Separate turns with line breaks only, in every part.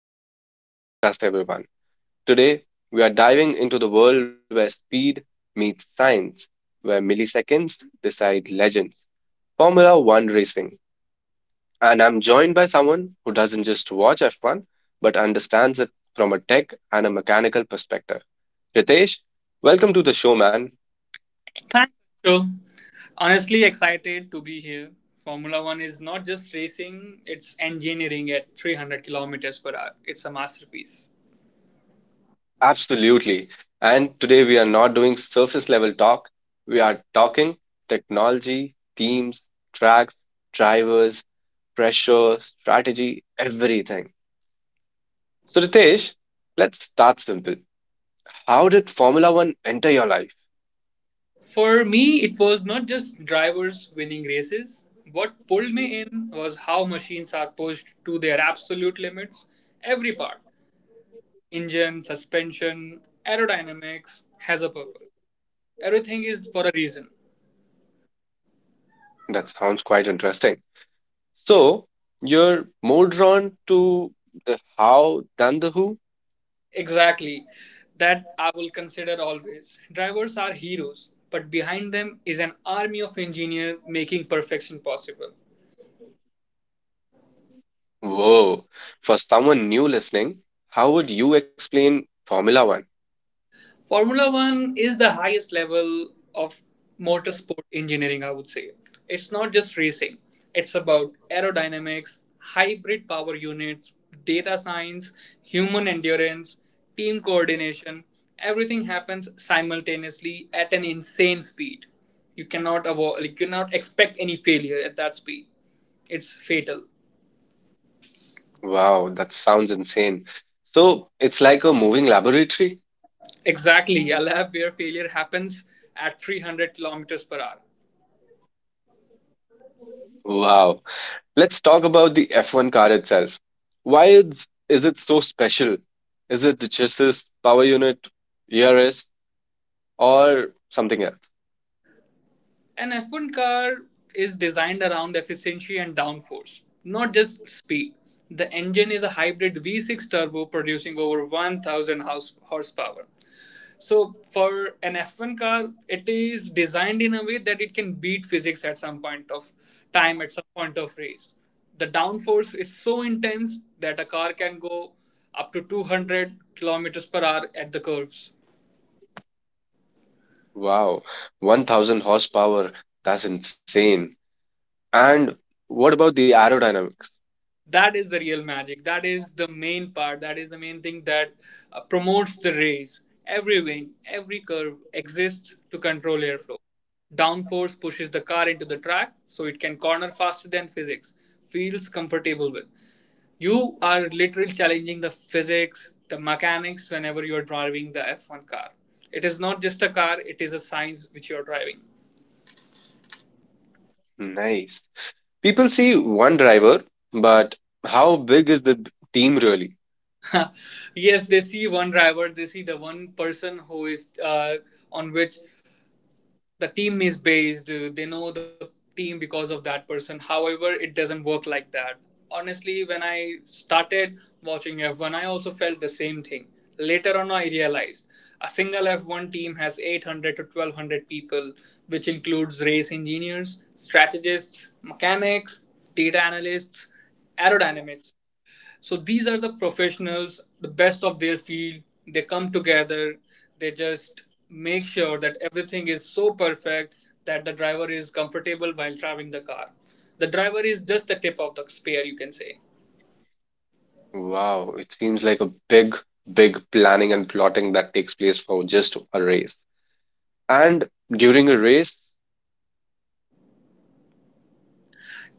Welcome back to the podcast, everyone. Today, we are diving into the world where speed meets science, where milliseconds decide legends, Formula One racing. And I'm joined by someone who doesn't just watch F1, but understands it from a tech and a mechanical perspective. Ritesh, welcome to the show, man.
Thanks, Anshul. Honestly, excited to be here. Formula One is not just racing, it's engineering at 300 kilometers per hour. It's a masterpiece.
Absolutely. And today we are not doing surface level talk. We are talking technology, teams, tracks, drivers, pressure, strategy, everything. So, Ritesh, let's start simple. How did Formula One enter your life?
For me, it was not just drivers winning races. What pulled me in was how machines are pushed to their absolute limits. Every part engine, suspension, aerodynamics has a purpose. Everything is for a reason.
That sounds quite interesting. So, you're more drawn to the how than the who?
Exactly. That I will consider always. Drivers are heroes, but behind them is an army of engineers making perfection possible.
Whoa. For someone new listening, how would you explain Formula One?
Formula One is the highest level of motorsport engineering, I would say. It's not just racing, it's about aerodynamics, hybrid power units, data science, human endurance, team coordination. Everything happens simultaneously at an insane speed. You cannot avoid, like, you cannot expect any failure at that speed. It's fatal.
Wow, that sounds insane. So it's like a moving laboratory?
Exactly, a lap where failure happens at 300 kilometers per hour.
Wow. Let's talk about the F1 car itself. Why is it so special? Is it the chassis, power unit, ERS, or something else?
An F1 car is designed around efficiency and downforce, not just speed. The engine is a hybrid V6 turbo producing over 1000 horsepower. So, for an F1 car, it is designed in a way that it can beat physics at some point of time, at some point of race. The downforce is so intense that a car can go up to 200 kilometers per hour at the curves.
Wow, 1000 horsepower. That's insane. And what about the aerodynamics?
That is the real magic. That is the main part. That is the main thing that promotes the race. Every wing, every curve exists to control airflow. Downforce pushes the car into the track so it can corner faster than physics feels comfortable with. You are literally challenging the physics, the mechanics whenever you are driving the F1 car. It is not just a car, it is a science which you are driving.
Nice. People see one driver, but how big is the team really?
Yes, they see one driver. They see the one person who is, on which the team is based. They know the team because of that person. However, it doesn't work like that. Honestly, when I started watching F1, I also felt the same thing. Later on, I realized a single F1 team has 800 to 1200 people, which includes race engineers, strategists, mechanics, data analysts, aerodynamics. So these are the professionals, the best of their field. They come together, they just make sure that everything is so perfect that the driver is comfortable while driving the car. The driver is just the tip of the spear, you can say.
Wow, it seems like a big, big planning and plotting that takes place for just a race. And during a race,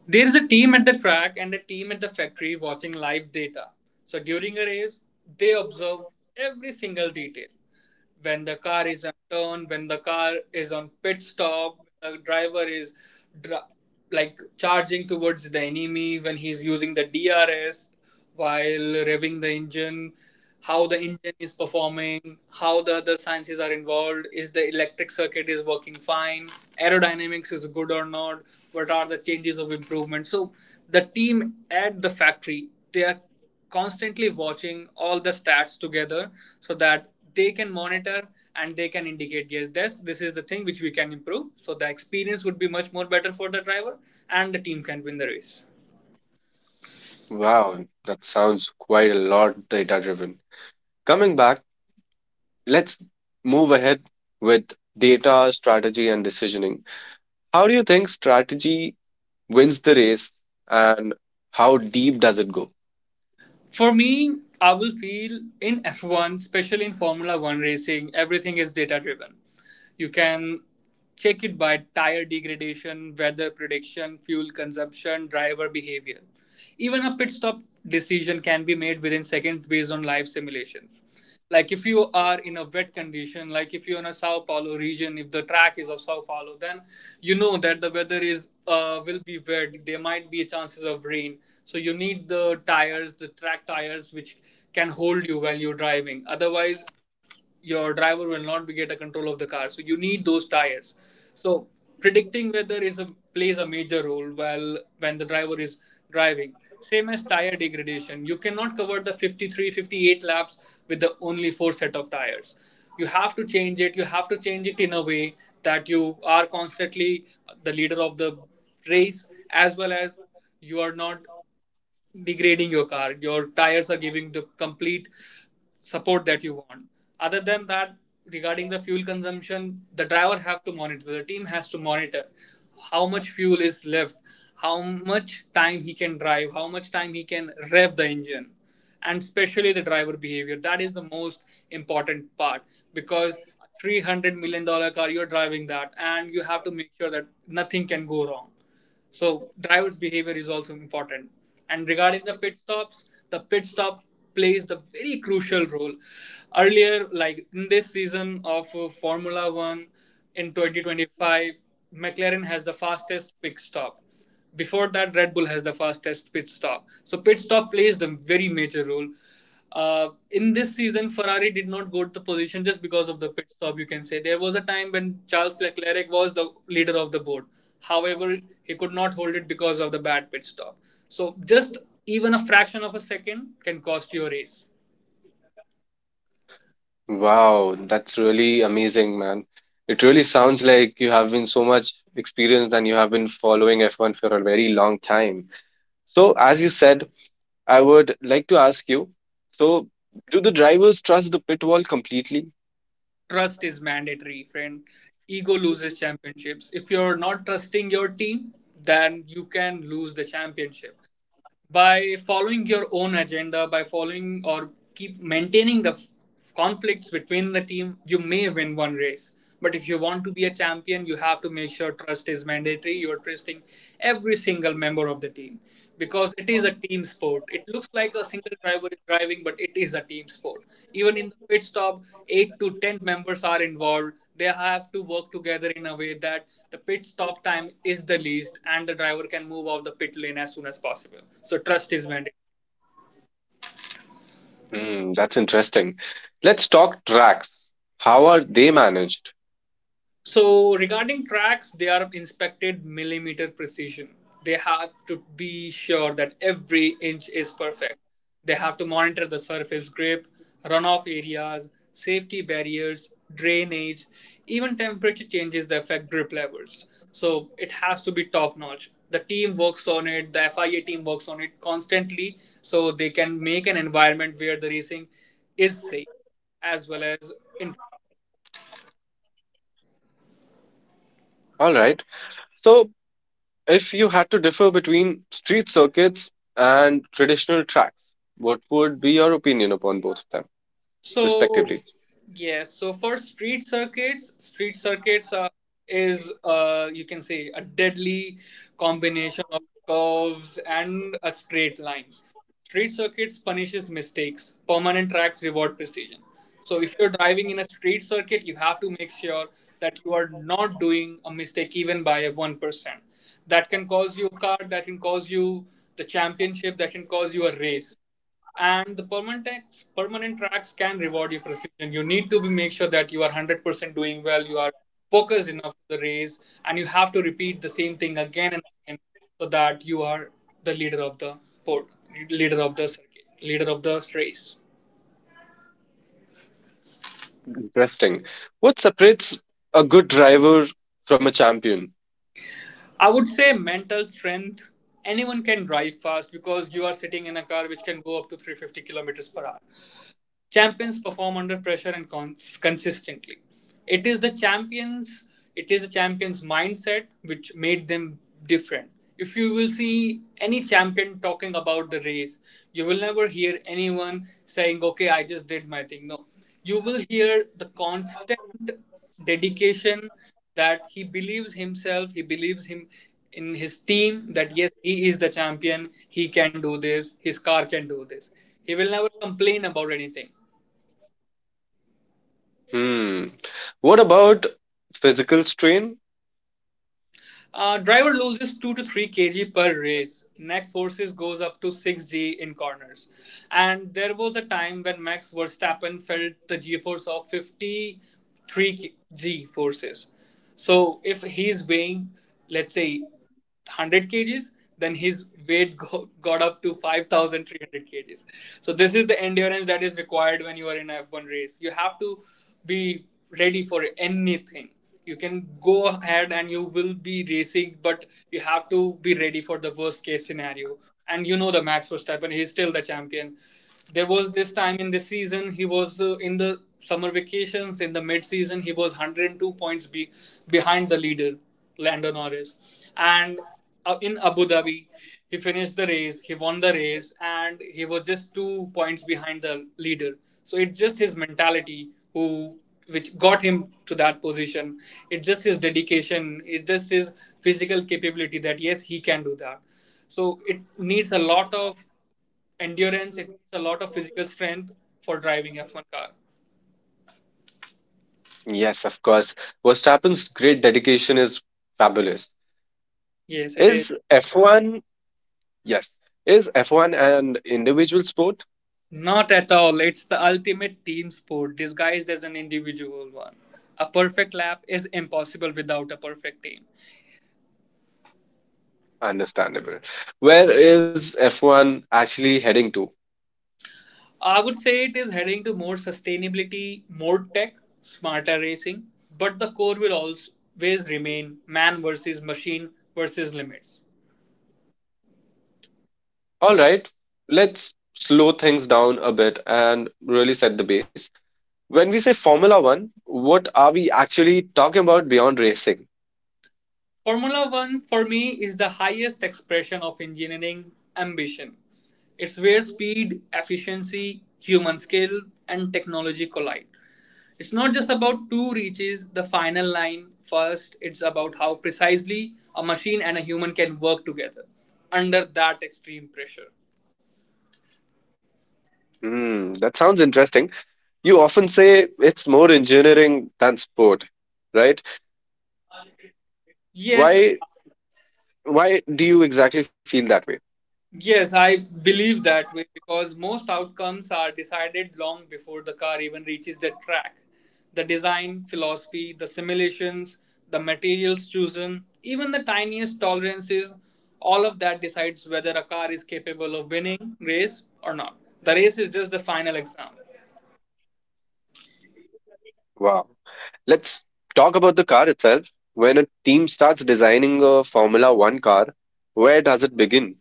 There is a team at the track and a team at the factory watching live data. So during a race, they observe every single detail. When the car is unturned, when the car is on pit stop, the driver is dr- like charging towards the enemy when he's using the DRS while revving the engine, how the engine is performing, how the other sciences are involved, is the electric circuit is working fine, aerodynamics is good or not, what are the changes of improvement. So the team at the factory, they are constantly watching all the stats together so that they can monitor and they can indicate, yes, this is the thing which we can improve, so the experience would be much more better for the driver and the team can win the race.
wow, that sounds quite a lot data driven. Coming back, let's move ahead with data, strategy, and decisioning. How do you think strategy wins the race and how deep does it go?
For me, I will feel in F1, especially in Formula 1 racing, everything is data driven. You can check it by tire degradation, weather prediction, fuel consumption, driver behavior. Even a pit stop decision can be made within seconds based on live simulation. Like if you are in a wet condition, like if you're in a Sao Paulo region, if the track is of Sao Paulo, then you know that the weather is, will be wet. There might be chances of rain, so you need the tires, the track tires, which can hold you while you're driving. Otherwise, your driver will not be get a control of the car, so you need those tires. So predicting weather is a plays a major role while when the driver is driving. Same as tire degradation, you cannot cover the 53 58 laps with the only four set of tires. You have to change it, you have to change it in a way that you are constantly the leader of the race, as well as you are not degrading your car. Your tires are giving the complete support that you want. Other than that, regarding the fuel consumption, the driver have to monitor. The team has to monitor how much fuel is left, how much time he can drive, how much time he can rev the engine, and especially the driver behavior. That is the most important part because. $300 million car you're driving, that, and you have to make sure that nothing can go wrong, so driver's behavior is also important. And regarding the pit stops, the pit stop plays the very crucial role. Earlier, like in this season of Formula One in 2025, McLaren has the fastest pit stop. Before that, Red Bull has the fastest pit stop. So pit stop plays the very major role. In this season, Ferrari did not go to the position just because of the pit stop. You can say there was a time when Charles Leclerc was the leader of the board. However, he could not hold it because of the bad pit stop. So just even a fraction of a second can cost you a race.
Wow, that's really amazing, man. It really sounds like you have been so much experienced and you have been following F1 for a very long time. So, as you said, I would like to ask you so, do the drivers trust the pit wall completely?
Trust is mandatory, friend. Ego loses championships. If you're not trusting your team, then you can lose the championship. By following your own agenda, by following or keep maintaining the conflicts between the team, you may win one race. But if you want to be a champion, you have to make sure trust is mandatory. You're trusting every single member of the team because it is a team sport. It looks like a single driver is driving, but it is a team sport. Even in the pit stop, 8 to 10 members are involved. They have to work together in a way that the pit stop time is the least and the driver can move out the pit lane as soon as possible. So, trust is mandatory.
Hmm, that's interesting. Let's talk tracks. How are they managed?
So regarding tracks, they are inspected millimeter precision. They have to be sure that every inch is perfect. They have to monitor the surface grip, runoff areas, safety barriers, drainage, even temperature changes that affect grip levels. So it has to be top notch. The team works on it, the FIA team works on it constantly so they can make an environment where the racing is safe as well as in.
All right. So, if you had to differ between street circuits and traditional tracks, what would be your opinion upon both of them,
So
respectively?
yes. So for street circuits are, is you can say a deadly combination of curves and a straight line. Street circuits punishes mistakes. Permanent tracks reward precision. So if you're driving in a street circuit, you have to make sure that you are not doing a mistake even by a 1%. That can cause you a car. That can cause you the championship. That can cause you a race. And the permanent tax, permanent tracks can reward your precision. You need to be make sure that you are 100% doing well, you are focused enough to the race, and you have to repeat the same thing again and again so that you are the leader of the port, leader of the circuit, leader of the race.
Interesting. What separates a good driver from a champion?
I would say mental strength. Anyone can drive fast because you are sitting in a car which can go up to 350 kilometers per hour. Champions perform under pressure and consistently. It is the champions, it is the champions mindset which made them different. If you will see any champion talking about the race, you will never hear anyone saying, "Okay, I just did my thing." No, you will hear the constant dedication that he believes himself, he believes him in his team that yes, he is the champion, he can do this, his car can do this. He will never complain about anything.
Hmm. What about physical strain?
Driver loses 2 to 3 kg per race. Neck forces goes up to 6G in corners. And there was a time when Max Verstappen felt the G force of 53G forces. So if he's weighing, let's say 100 kgs, then his weight got up to 5,300 kgs. So this is the endurance that is required when you are in an f F1 race. You have to be ready for anything. You can go ahead and you will be racing, but you have to be ready for the worst case scenario. And you know, the Max Verstappen, he's still the champion. There was this time in this season he was, in the summer vacations in the mid season, he was 102 points behind the leader Lando Norris. And in Abu Dhabi, he finished the race, he won the race, and he was just 2 points behind the leader. So it's just his mentality who which got him to that position. It's just his dedication. It's just his physical capability that yes, he can do that. So it needs a lot of endurance. It needs a lot of physical strength for driving F1 car.
Yes, of course. Verstappen's great dedication is fabulous.
Yes, it is.
Is F1, yes, is F1 an individual sport?
Not at all. It's the ultimate team sport disguised as an individual one. A perfect lap is impossible without a perfect team.
Understandable. Where is F1 actually heading to?
I would say it is heading to more sustainability, more tech, smarter racing, but the core will always remain man versus machine versus limits.
All right, let's slow things down a bit and really set the base. When we say Formula One, what are we actually talking about beyond racing?
Formula One for me is the highest expression of engineering ambition. It's where speed, efficiency, human skill, and technology collide. It's not just about who reaches the final line first, it's about how precisely a machine and a human can work together under that extreme pressure.
Hmm, that sounds interesting. You often say it's more engineering than sport, right?
Yes,
Why Why do you exactly feel that way?
yes, I believe that way because most outcomes are decided long before the car even reaches the track. The design, philosophy, the simulations, the materials chosen, even the tiniest tolerances, all of that decides whether a car is capable of winning race or not. The race is just the final exam.
Wow. Let's talk about the car itself. When a team starts designing a Formula One car, where does it begin?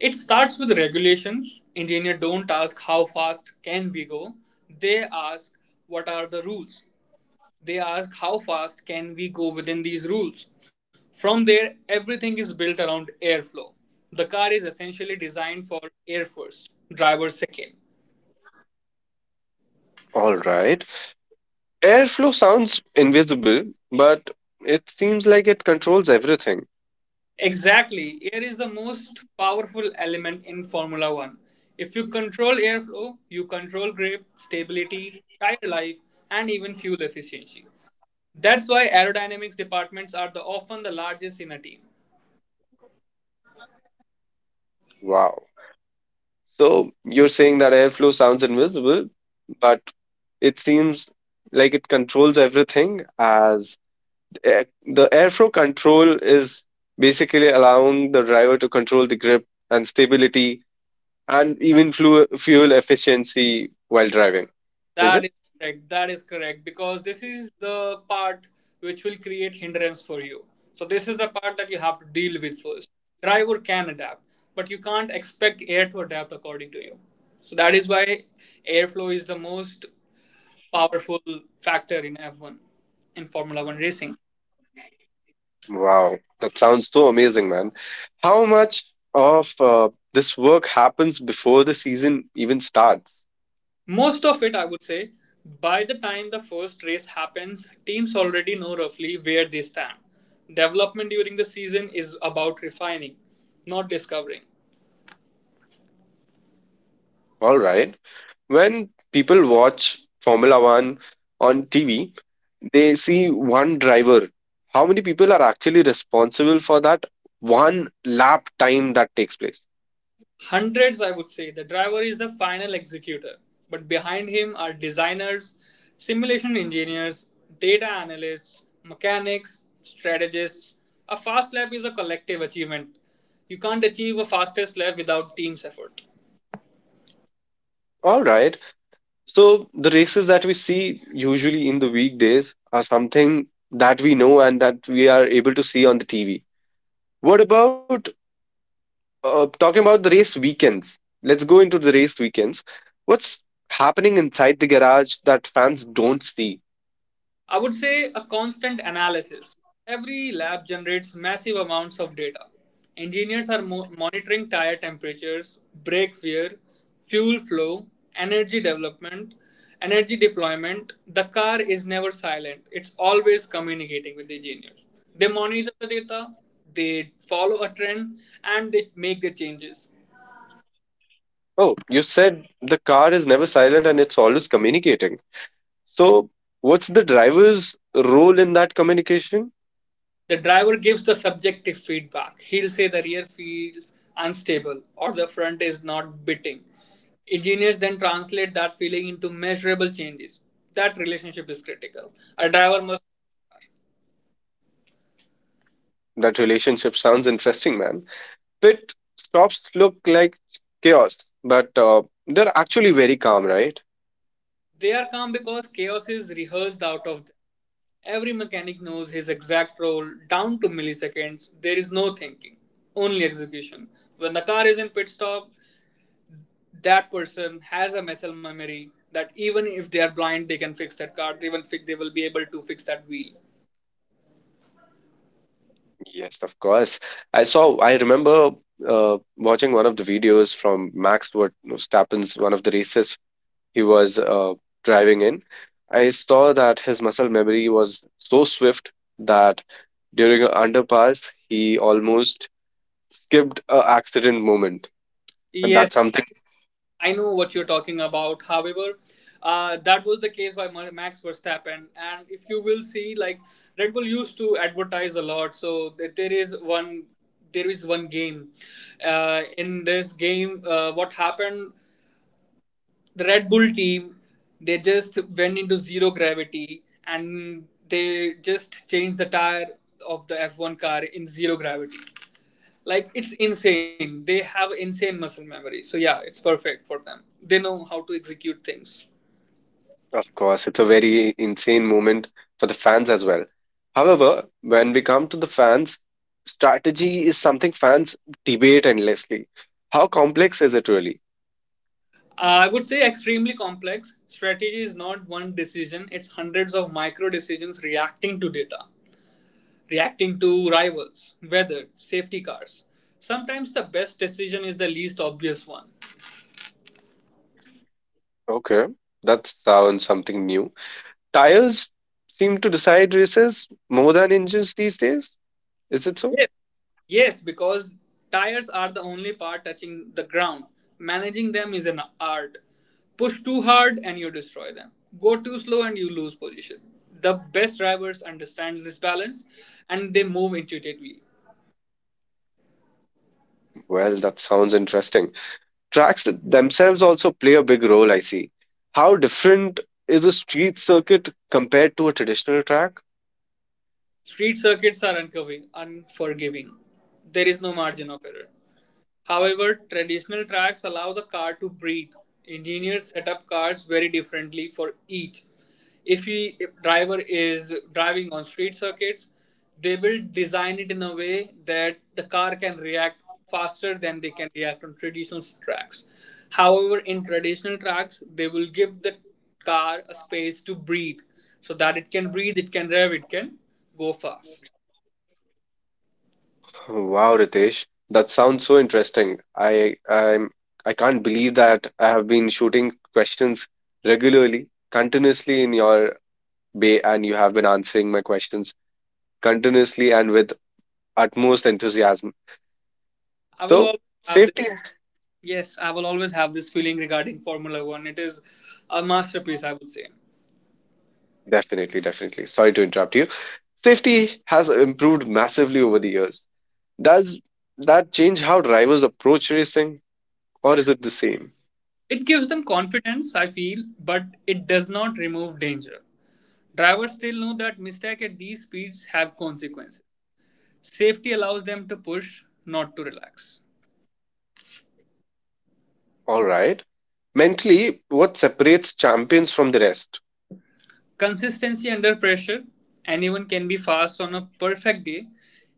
It starts with regulations. Engineers don't ask how fast can we go. They ask what are the rules. They ask how fast can we go within these rules. From there, everything is built around airflow. The car is essentially designed for air first, driver second.
All right. Airflow sounds invisible, but it seems like it controls everything.
Exactly, air is the most powerful element in Formula One. If you control airflow, you control grip, stability, tire life, and even fuel efficiency. That's why aerodynamics departments are the often the largest in a team.
Wow. So you're saying that airflow sounds invisible, but it seems like it controls everything as the airflow control is basically allowing the driver to control the grip and stability and even fuel efficiency while driving. Is
That
it?
is correct. That is correct because this is the part which will create hindrance for you. So this is the part that you have to deal with first. Driver can adapt, but you can't expect air to adapt according to you. So that is why airflow is the most powerful factor in F1 in Formula 1 racing.
Wow, that sounds so amazing, man. How much of this work happens before the season even starts?
Most of it, I would say. By the time the first race happens, teams already know roughly where they stand. Development during the season is about refining, not discovering.
All right. When people watch Formula One on TV, they see one driver. How many people are actually responsible for that one lap time that takes place?
Hundreds, I would say, the driver is the final executor, but behind him are designers, simulation engineers, data analysts, mechanics, strategists. A fast lap is a collective achievement. You can't achieve a fastest lap without team's effort.
All right. So the races that we see usually in the weekdays are something that we know and that we are able to see on the TV. What about talking about the race weekends? Let's go into the race weekends. What's happening inside the garage that fans don't see?
I would say a constant analysis. Every lab generates massive amounts of data. Engineers are monitoring tire temperatures, brake wear, fuel flow, energy development, energy deployment. The car is never silent, it's always communicating with the engineers. They monitor the data, they follow a trend, and they make the changes.
Oh, you said the car is never silent and it's always communicating. So, what's the driver's role in that communication?
The driver gives the subjective feedback. He'll say the rear feels unstable or the front is not biting. Engineers then translate that feeling into measurable changes. That relationship is critical. A driver must.
That relationship sounds interesting, man. Pit stops look like chaos, but they're actually very calm, right?
They are calm because chaos is rehearsed out of them. Every mechanic knows his exact role down to milliseconds. There is no thinking, only execution. When the car is in pit stop, that person has a muscle memory that even if they are blind they can fix that car they will fix they will be able to fix that wheel.
Yes, of course. I remember watching one of the videos from Max Verstappen's one of the races he was driving in, I saw that his muscle memory was so swift that during an underpass, he almost skipped a accident moment. And
Yes,
that's something,
I know what you're talking about. However, that was the case by Max Verstappen, and if you will see, like, Red Bull used to advertise a lot. So there is one, there is one game. In this game, what happened, the Red Bull team, they just went into zero gravity and they just changed the tire of the F1 car in zero gravity. Like, it's insane. They have insane muscle memory. So yeah, it's perfect for them. They know how to execute things.
of course, it's a very insane moment for the fans as well. However, when we come to the fans, strategy is something fans debate endlessly. How complex is it really?
I would say extremely complex. Strategy is not one decision, it's hundreds of micro decisions reacting to data, reacting to rivals, weather, safety cars. Sometimes the best decision is the least obvious one.
Okay, that sounds something new. Tires seem to decide races more than engines these days. Is it so?
Yes. Yes, because tires are the only part touching the ground. Managing them is an art. Push too hard and you destroy them. Go too slow and you lose position. The best drivers understand this balance and they move intuitively.
Well, that sounds interesting. Tracks themselves also play a big role, I see. How different is a street circuit compared to a traditional track?
Street circuits are uncovering, unforgiving. There is no margin of error. However, traditional tracks allow the car to breathe. Engineers set up cars very differently for each. If the driver is driving on street circuits, they will design it in a way that the car can react faster than they can react on traditional tracks. However, in traditional tracks, they will give the car a space to breathe so that it can breathe, it can rev, it can go fast.
Wow, Ritesh, that sounds so interesting. I can't believe that I have been shooting questions regularly, continuously in your bay, and you have been answering my questions continuously and with utmost enthusiasm.
I will
So,
always have
safety,
Yes, I will always have this feeling regarding Formula One. It is a masterpiece, I would say.
definitely, definitely. Sorry to interrupt you. Safety has improved massively over the years. Does that change how drivers approach racing, or is it the same?
It gives them confidence, I feel, but it does not remove danger. Drivers still know that mistakes at these speeds have consequences. Safety allows them to push, not to relax.
All right. Mentally, what separates champions from the rest?
Consistency under pressure. Anyone can be fast on a perfect day.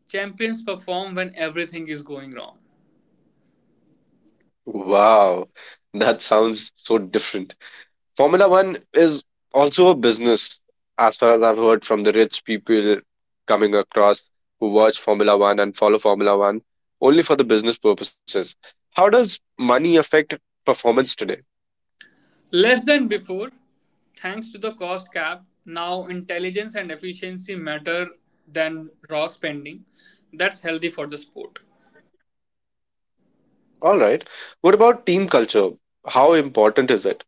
Champions perform when everything is going wrong.
Wow, that sounds so different. Formula One is also a business, as far as I've heard from the rich people coming across who watch Formula One and follow Formula One only for the business purposes. How does money affect performance today?
Less than before, thanks to the cost cap, now intelligence and efficiency matter than raw spending. That's healthy for the sport.
All right. What about team culture? How important is it?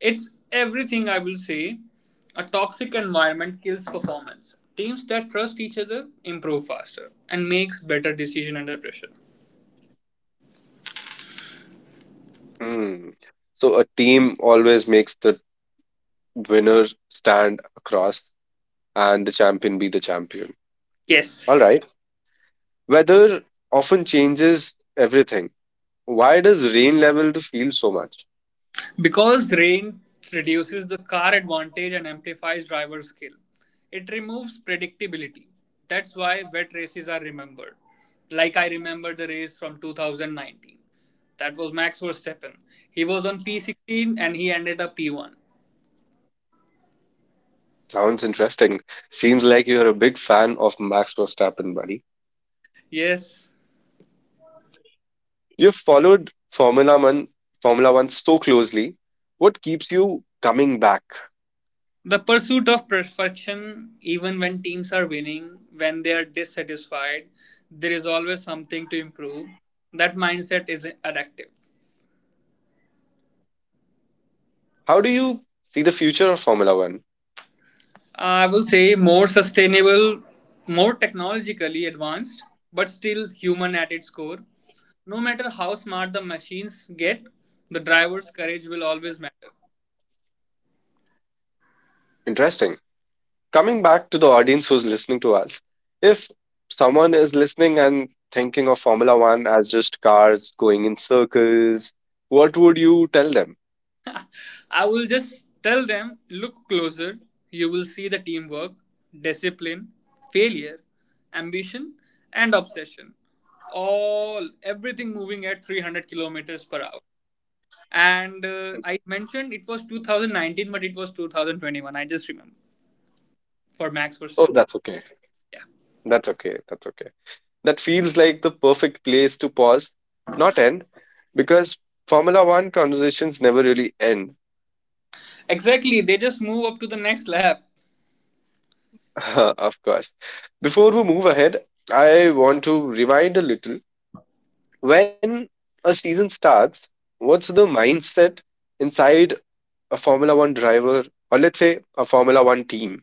It's everything, I will say. A toxic environment kills performance. Teams that trust each other improve faster and makes better decision under pressure.
Hmm. So a team always makes the winner stand across and the champion be the champion. All
Yes.
right. Weather often changes everything. Why does rain level the field so much?
Because range reduces the car advantage and amplifies driver skill, it removes predictability. That's why wet races are remembered. Like, I remember the race from 2019. That was Max Verstappen. He was on P16 and he ended up P1.
Sounds interesting. Seems like you're a big fan of Max Verstappen, buddy.
Yes.
You've followed Formula One so closely. What keeps you coming back?
The pursuit of perfection, even when teams are winning, when they are dissatisfied, there is always something to improve. That mindset is addictive.
How do you see the future of Formula One?
I will say more sustainable, more technologically advanced, but still human at its core. No matter how smart the machines get, the driver's courage will always matter.
Interesting. Coming back to the audience who's listening to us, if someone is listening and thinking of Formula One as just cars going in circles, what would you tell them?
I will just tell them, look closer, you will see the teamwork, discipline, failure, ambition, and obsession. All everything moving at 300 kilometers per hour. And I mentioned it was 2019, but it was 2021. I just remember. For Max
Oh,
Verstappen.
that's okay.
Yeah,
That's okay. That's okay. That feels like the perfect place to pause, not end, because Formula One conversations never really end.
exactly. They just move up to the next lap.
Of course. Before we move ahead, I want to rewind a little. When a season starts, what's the mindset inside a Formula One driver, or let's say a Formula One team?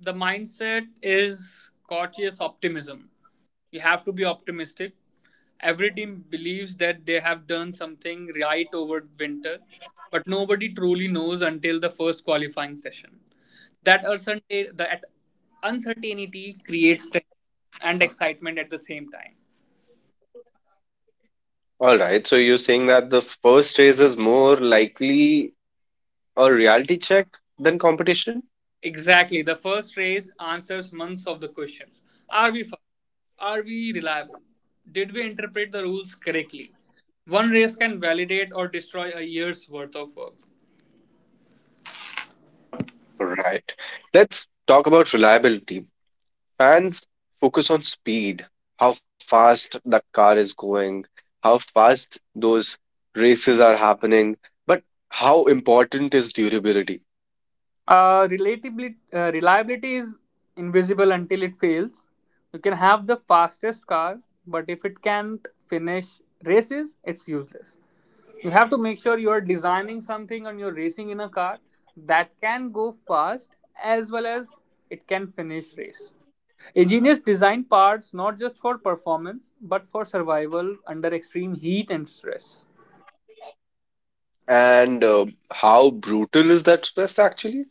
The mindset is cautious optimism. You have to be optimistic. Every team believes that they have done something right over winter, but nobody truly knows until the first qualifying session. That uncertainty creates tension and excitement at the same time.
All right, so you're saying that the first race is more likely a reality check than competition?
Exactly. The first race answers months of the questions. Are we fast? Are we reliable? Did we interpret the rules correctly? One race can validate or destroy a year's worth of work.
Right. Let's talk about reliability. Fans focus on speed, how fast that car is going, how fast those races are happening, but how important is durability?
Reliability is invisible until it fails. You can have the fastest car, but if it can't finish races, it's useless. You have to make sure you are designing something and you're racing in a car that can go fast as well as it can finish race. Engineers design parts not just for performance but for survival under extreme heat and stress.
And how brutal is that stress actually?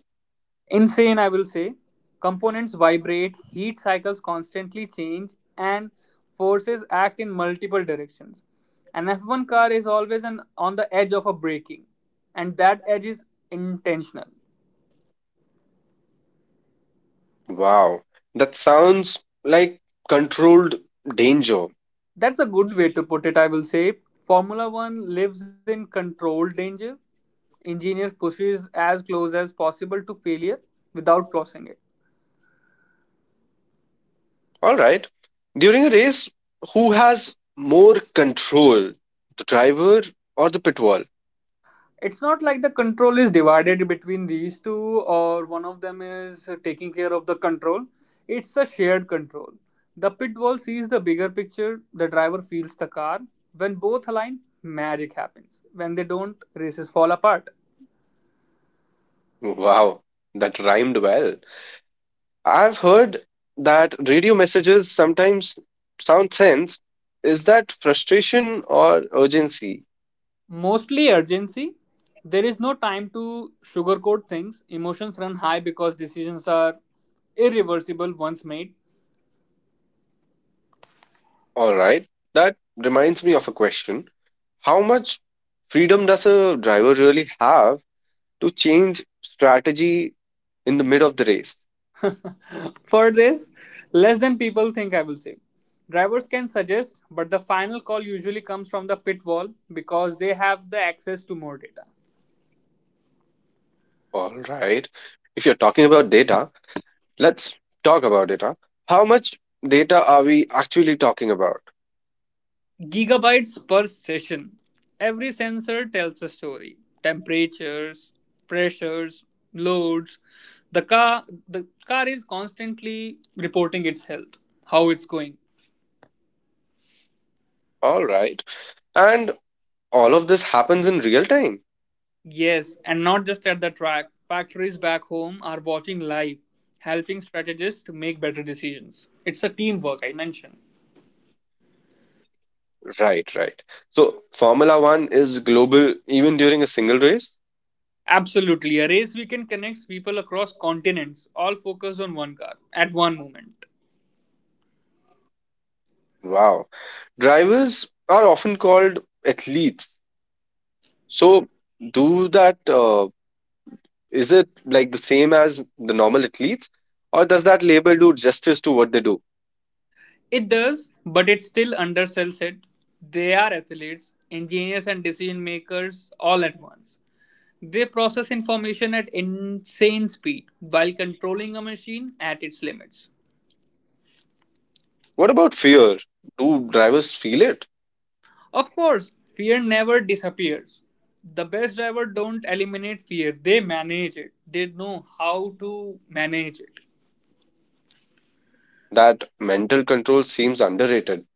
Insane, I will say. Components vibrate, heat cycles constantly change, and forces act in multiple directions. An F1 car is always on the edge of a braking, and that edge is intentional.
Wow, that sounds like controlled danger.
That's a good way to put it, I will say. Formula One lives in controlled danger. Engineers pushes as close as possible to failure without crossing it.
All right. During a race, who has more control, the driver or the pit wall?
It's not like the control is divided between these two or one of them is taking care of the control. It's a shared control. The pit wall sees the bigger picture, the driver feels the car. When both align, magic happens. When they don't, races fall apart.
Wow, that rhymed well. I've heard that radio messages sometimes sound sense. Is that frustration or urgency?
Mostly urgency. There is no time to sugarcoat things. Emotions run high because decisions are irreversible once made.
All right. That reminds me of a question. How much freedom does a driver really have to change strategy in the mid of the race?
For this, less than people think, I will say. Drivers can suggest, but the final call usually comes from the pit wall because they have the access to more data.
All right. If you're talking about data, let's talk about data. How much data are we actually talking about?
Gigabytes per session. Every sensor tells a story. Temperatures, pressures, loads. The car the car is constantly reporting its health, how it's going.
All right. And all of this happens in real time.
Yes, and not just at the track. Factories back home are watching live, helping strategists to make better decisions. It's a teamwork, I mentioned.
Right, right. So Formula One is global even during a single race?
Absolutely. A race weekend connects people across continents, all focused on one car at one moment.
Wow. Drivers are often called athletes. So do that is it like the same as the normal athletes, or does that label do justice to what they do?
It does, but it still undersells it. They are athletes, engineers, and decision makers all at once. They process information at insane speed while controlling a machine at its limits.
What about fear? Do drivers feel it?
Of course, fear never disappears. The best driver don't eliminate fear, they manage it. They know how to manage it.
That mental control seems underrated.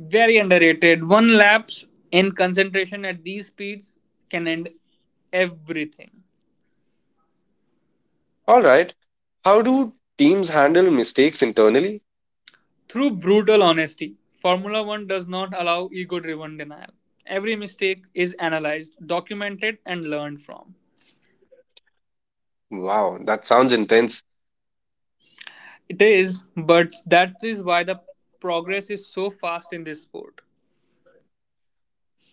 Very underrated. One lapse in concentration at these speeds can end everything.
All right. How do teams handle mistakes internally?
Through brutal honesty, Formula 1 does not allow ego driven denial. Every mistake is analyzed, documented, and learned from.
Wow, that sounds intense.
It is, but that is why the progress is so fast in this sport.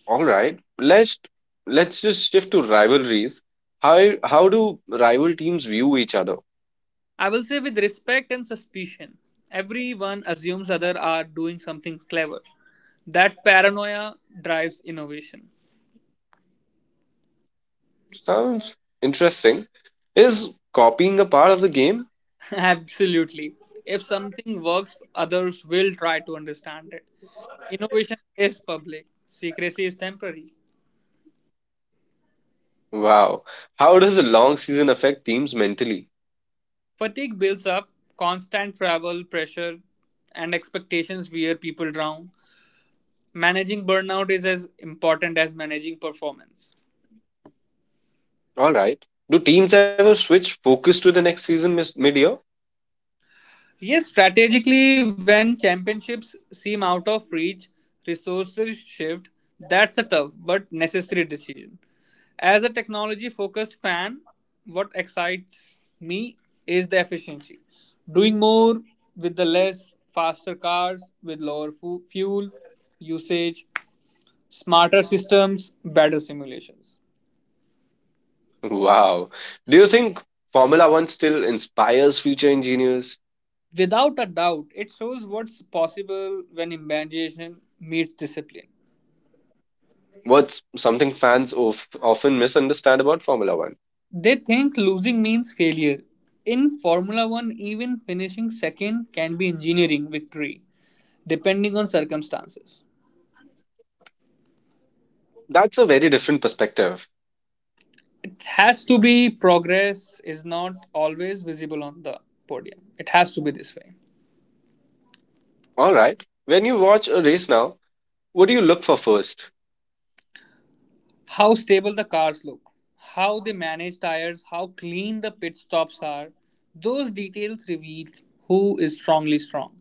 All right. Let's just shift to rivalries. How do rival teams view each other?
I will say with respect and suspicion. Everyone assumes others are doing something clever. That paranoia drives innovation.
Sounds interesting. Is copying a part of the game?
Absolutely. If something works, others will try to understand it. Innovation is public, secrecy is temporary.
Wow. How does a long season affect teams mentally?
Fatigue builds up, constant travel pressure and expectations wear people down. Managing burnout is as important as managing performance.
All right. Do teams ever switch focus to the next season mid-year?
Yes, strategically, when championships seem out of reach, resources shift. That's a tough but necessary decision. As a technology focused fan, what excites me is the efficiency. Doing more with the less, faster cars with lower fuel usage, smarter systems, better simulations.
Wow. Do you think Formula One still inspires future engineers?
Without a doubt, it shows what's possible when imagination meets discipline.
What's something fans of, often misunderstand about Formula One?
They think losing means failure. In Formula One, even finishing second can be engineering victory, depending on circumstances.
That's a very different perspective.
It has to be, progress is not always visible on the podium. It has to be this way.
All right. When you watch a race now, what do you look for first?
How stable the cars look, how they manage tires, how clean the pit stops are, those details reveal who is strongly strong.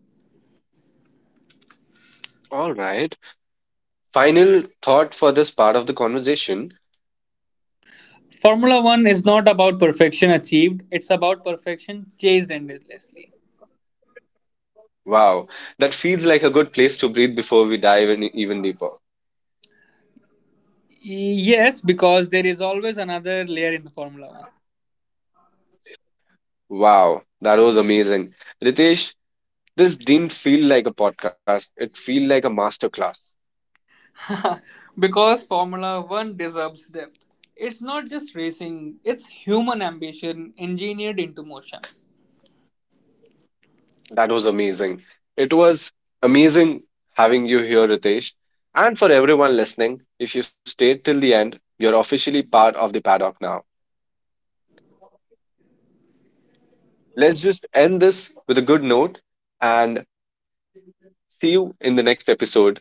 All right. Final thought for this part of the conversation.
Formula One is not about perfection achieved, it's about perfection chased endlessly.
Wow. That feels like a good place to breathe before we dive in even deeper.
Yes, because there is always another layer in the Formula
Wow, that was amazing. Ritesh, this didn't feel like a podcast. It felt like a masterclass.
One. because Formula One deserves depth. It's not just racing, it's human ambition engineered into motion.
That was amazing. It was amazing having you here, Ritesh. And for everyone listening, if you stayed till the end, you're officially part of the paddock now. Let's just end this with a good note and see you in the next episode.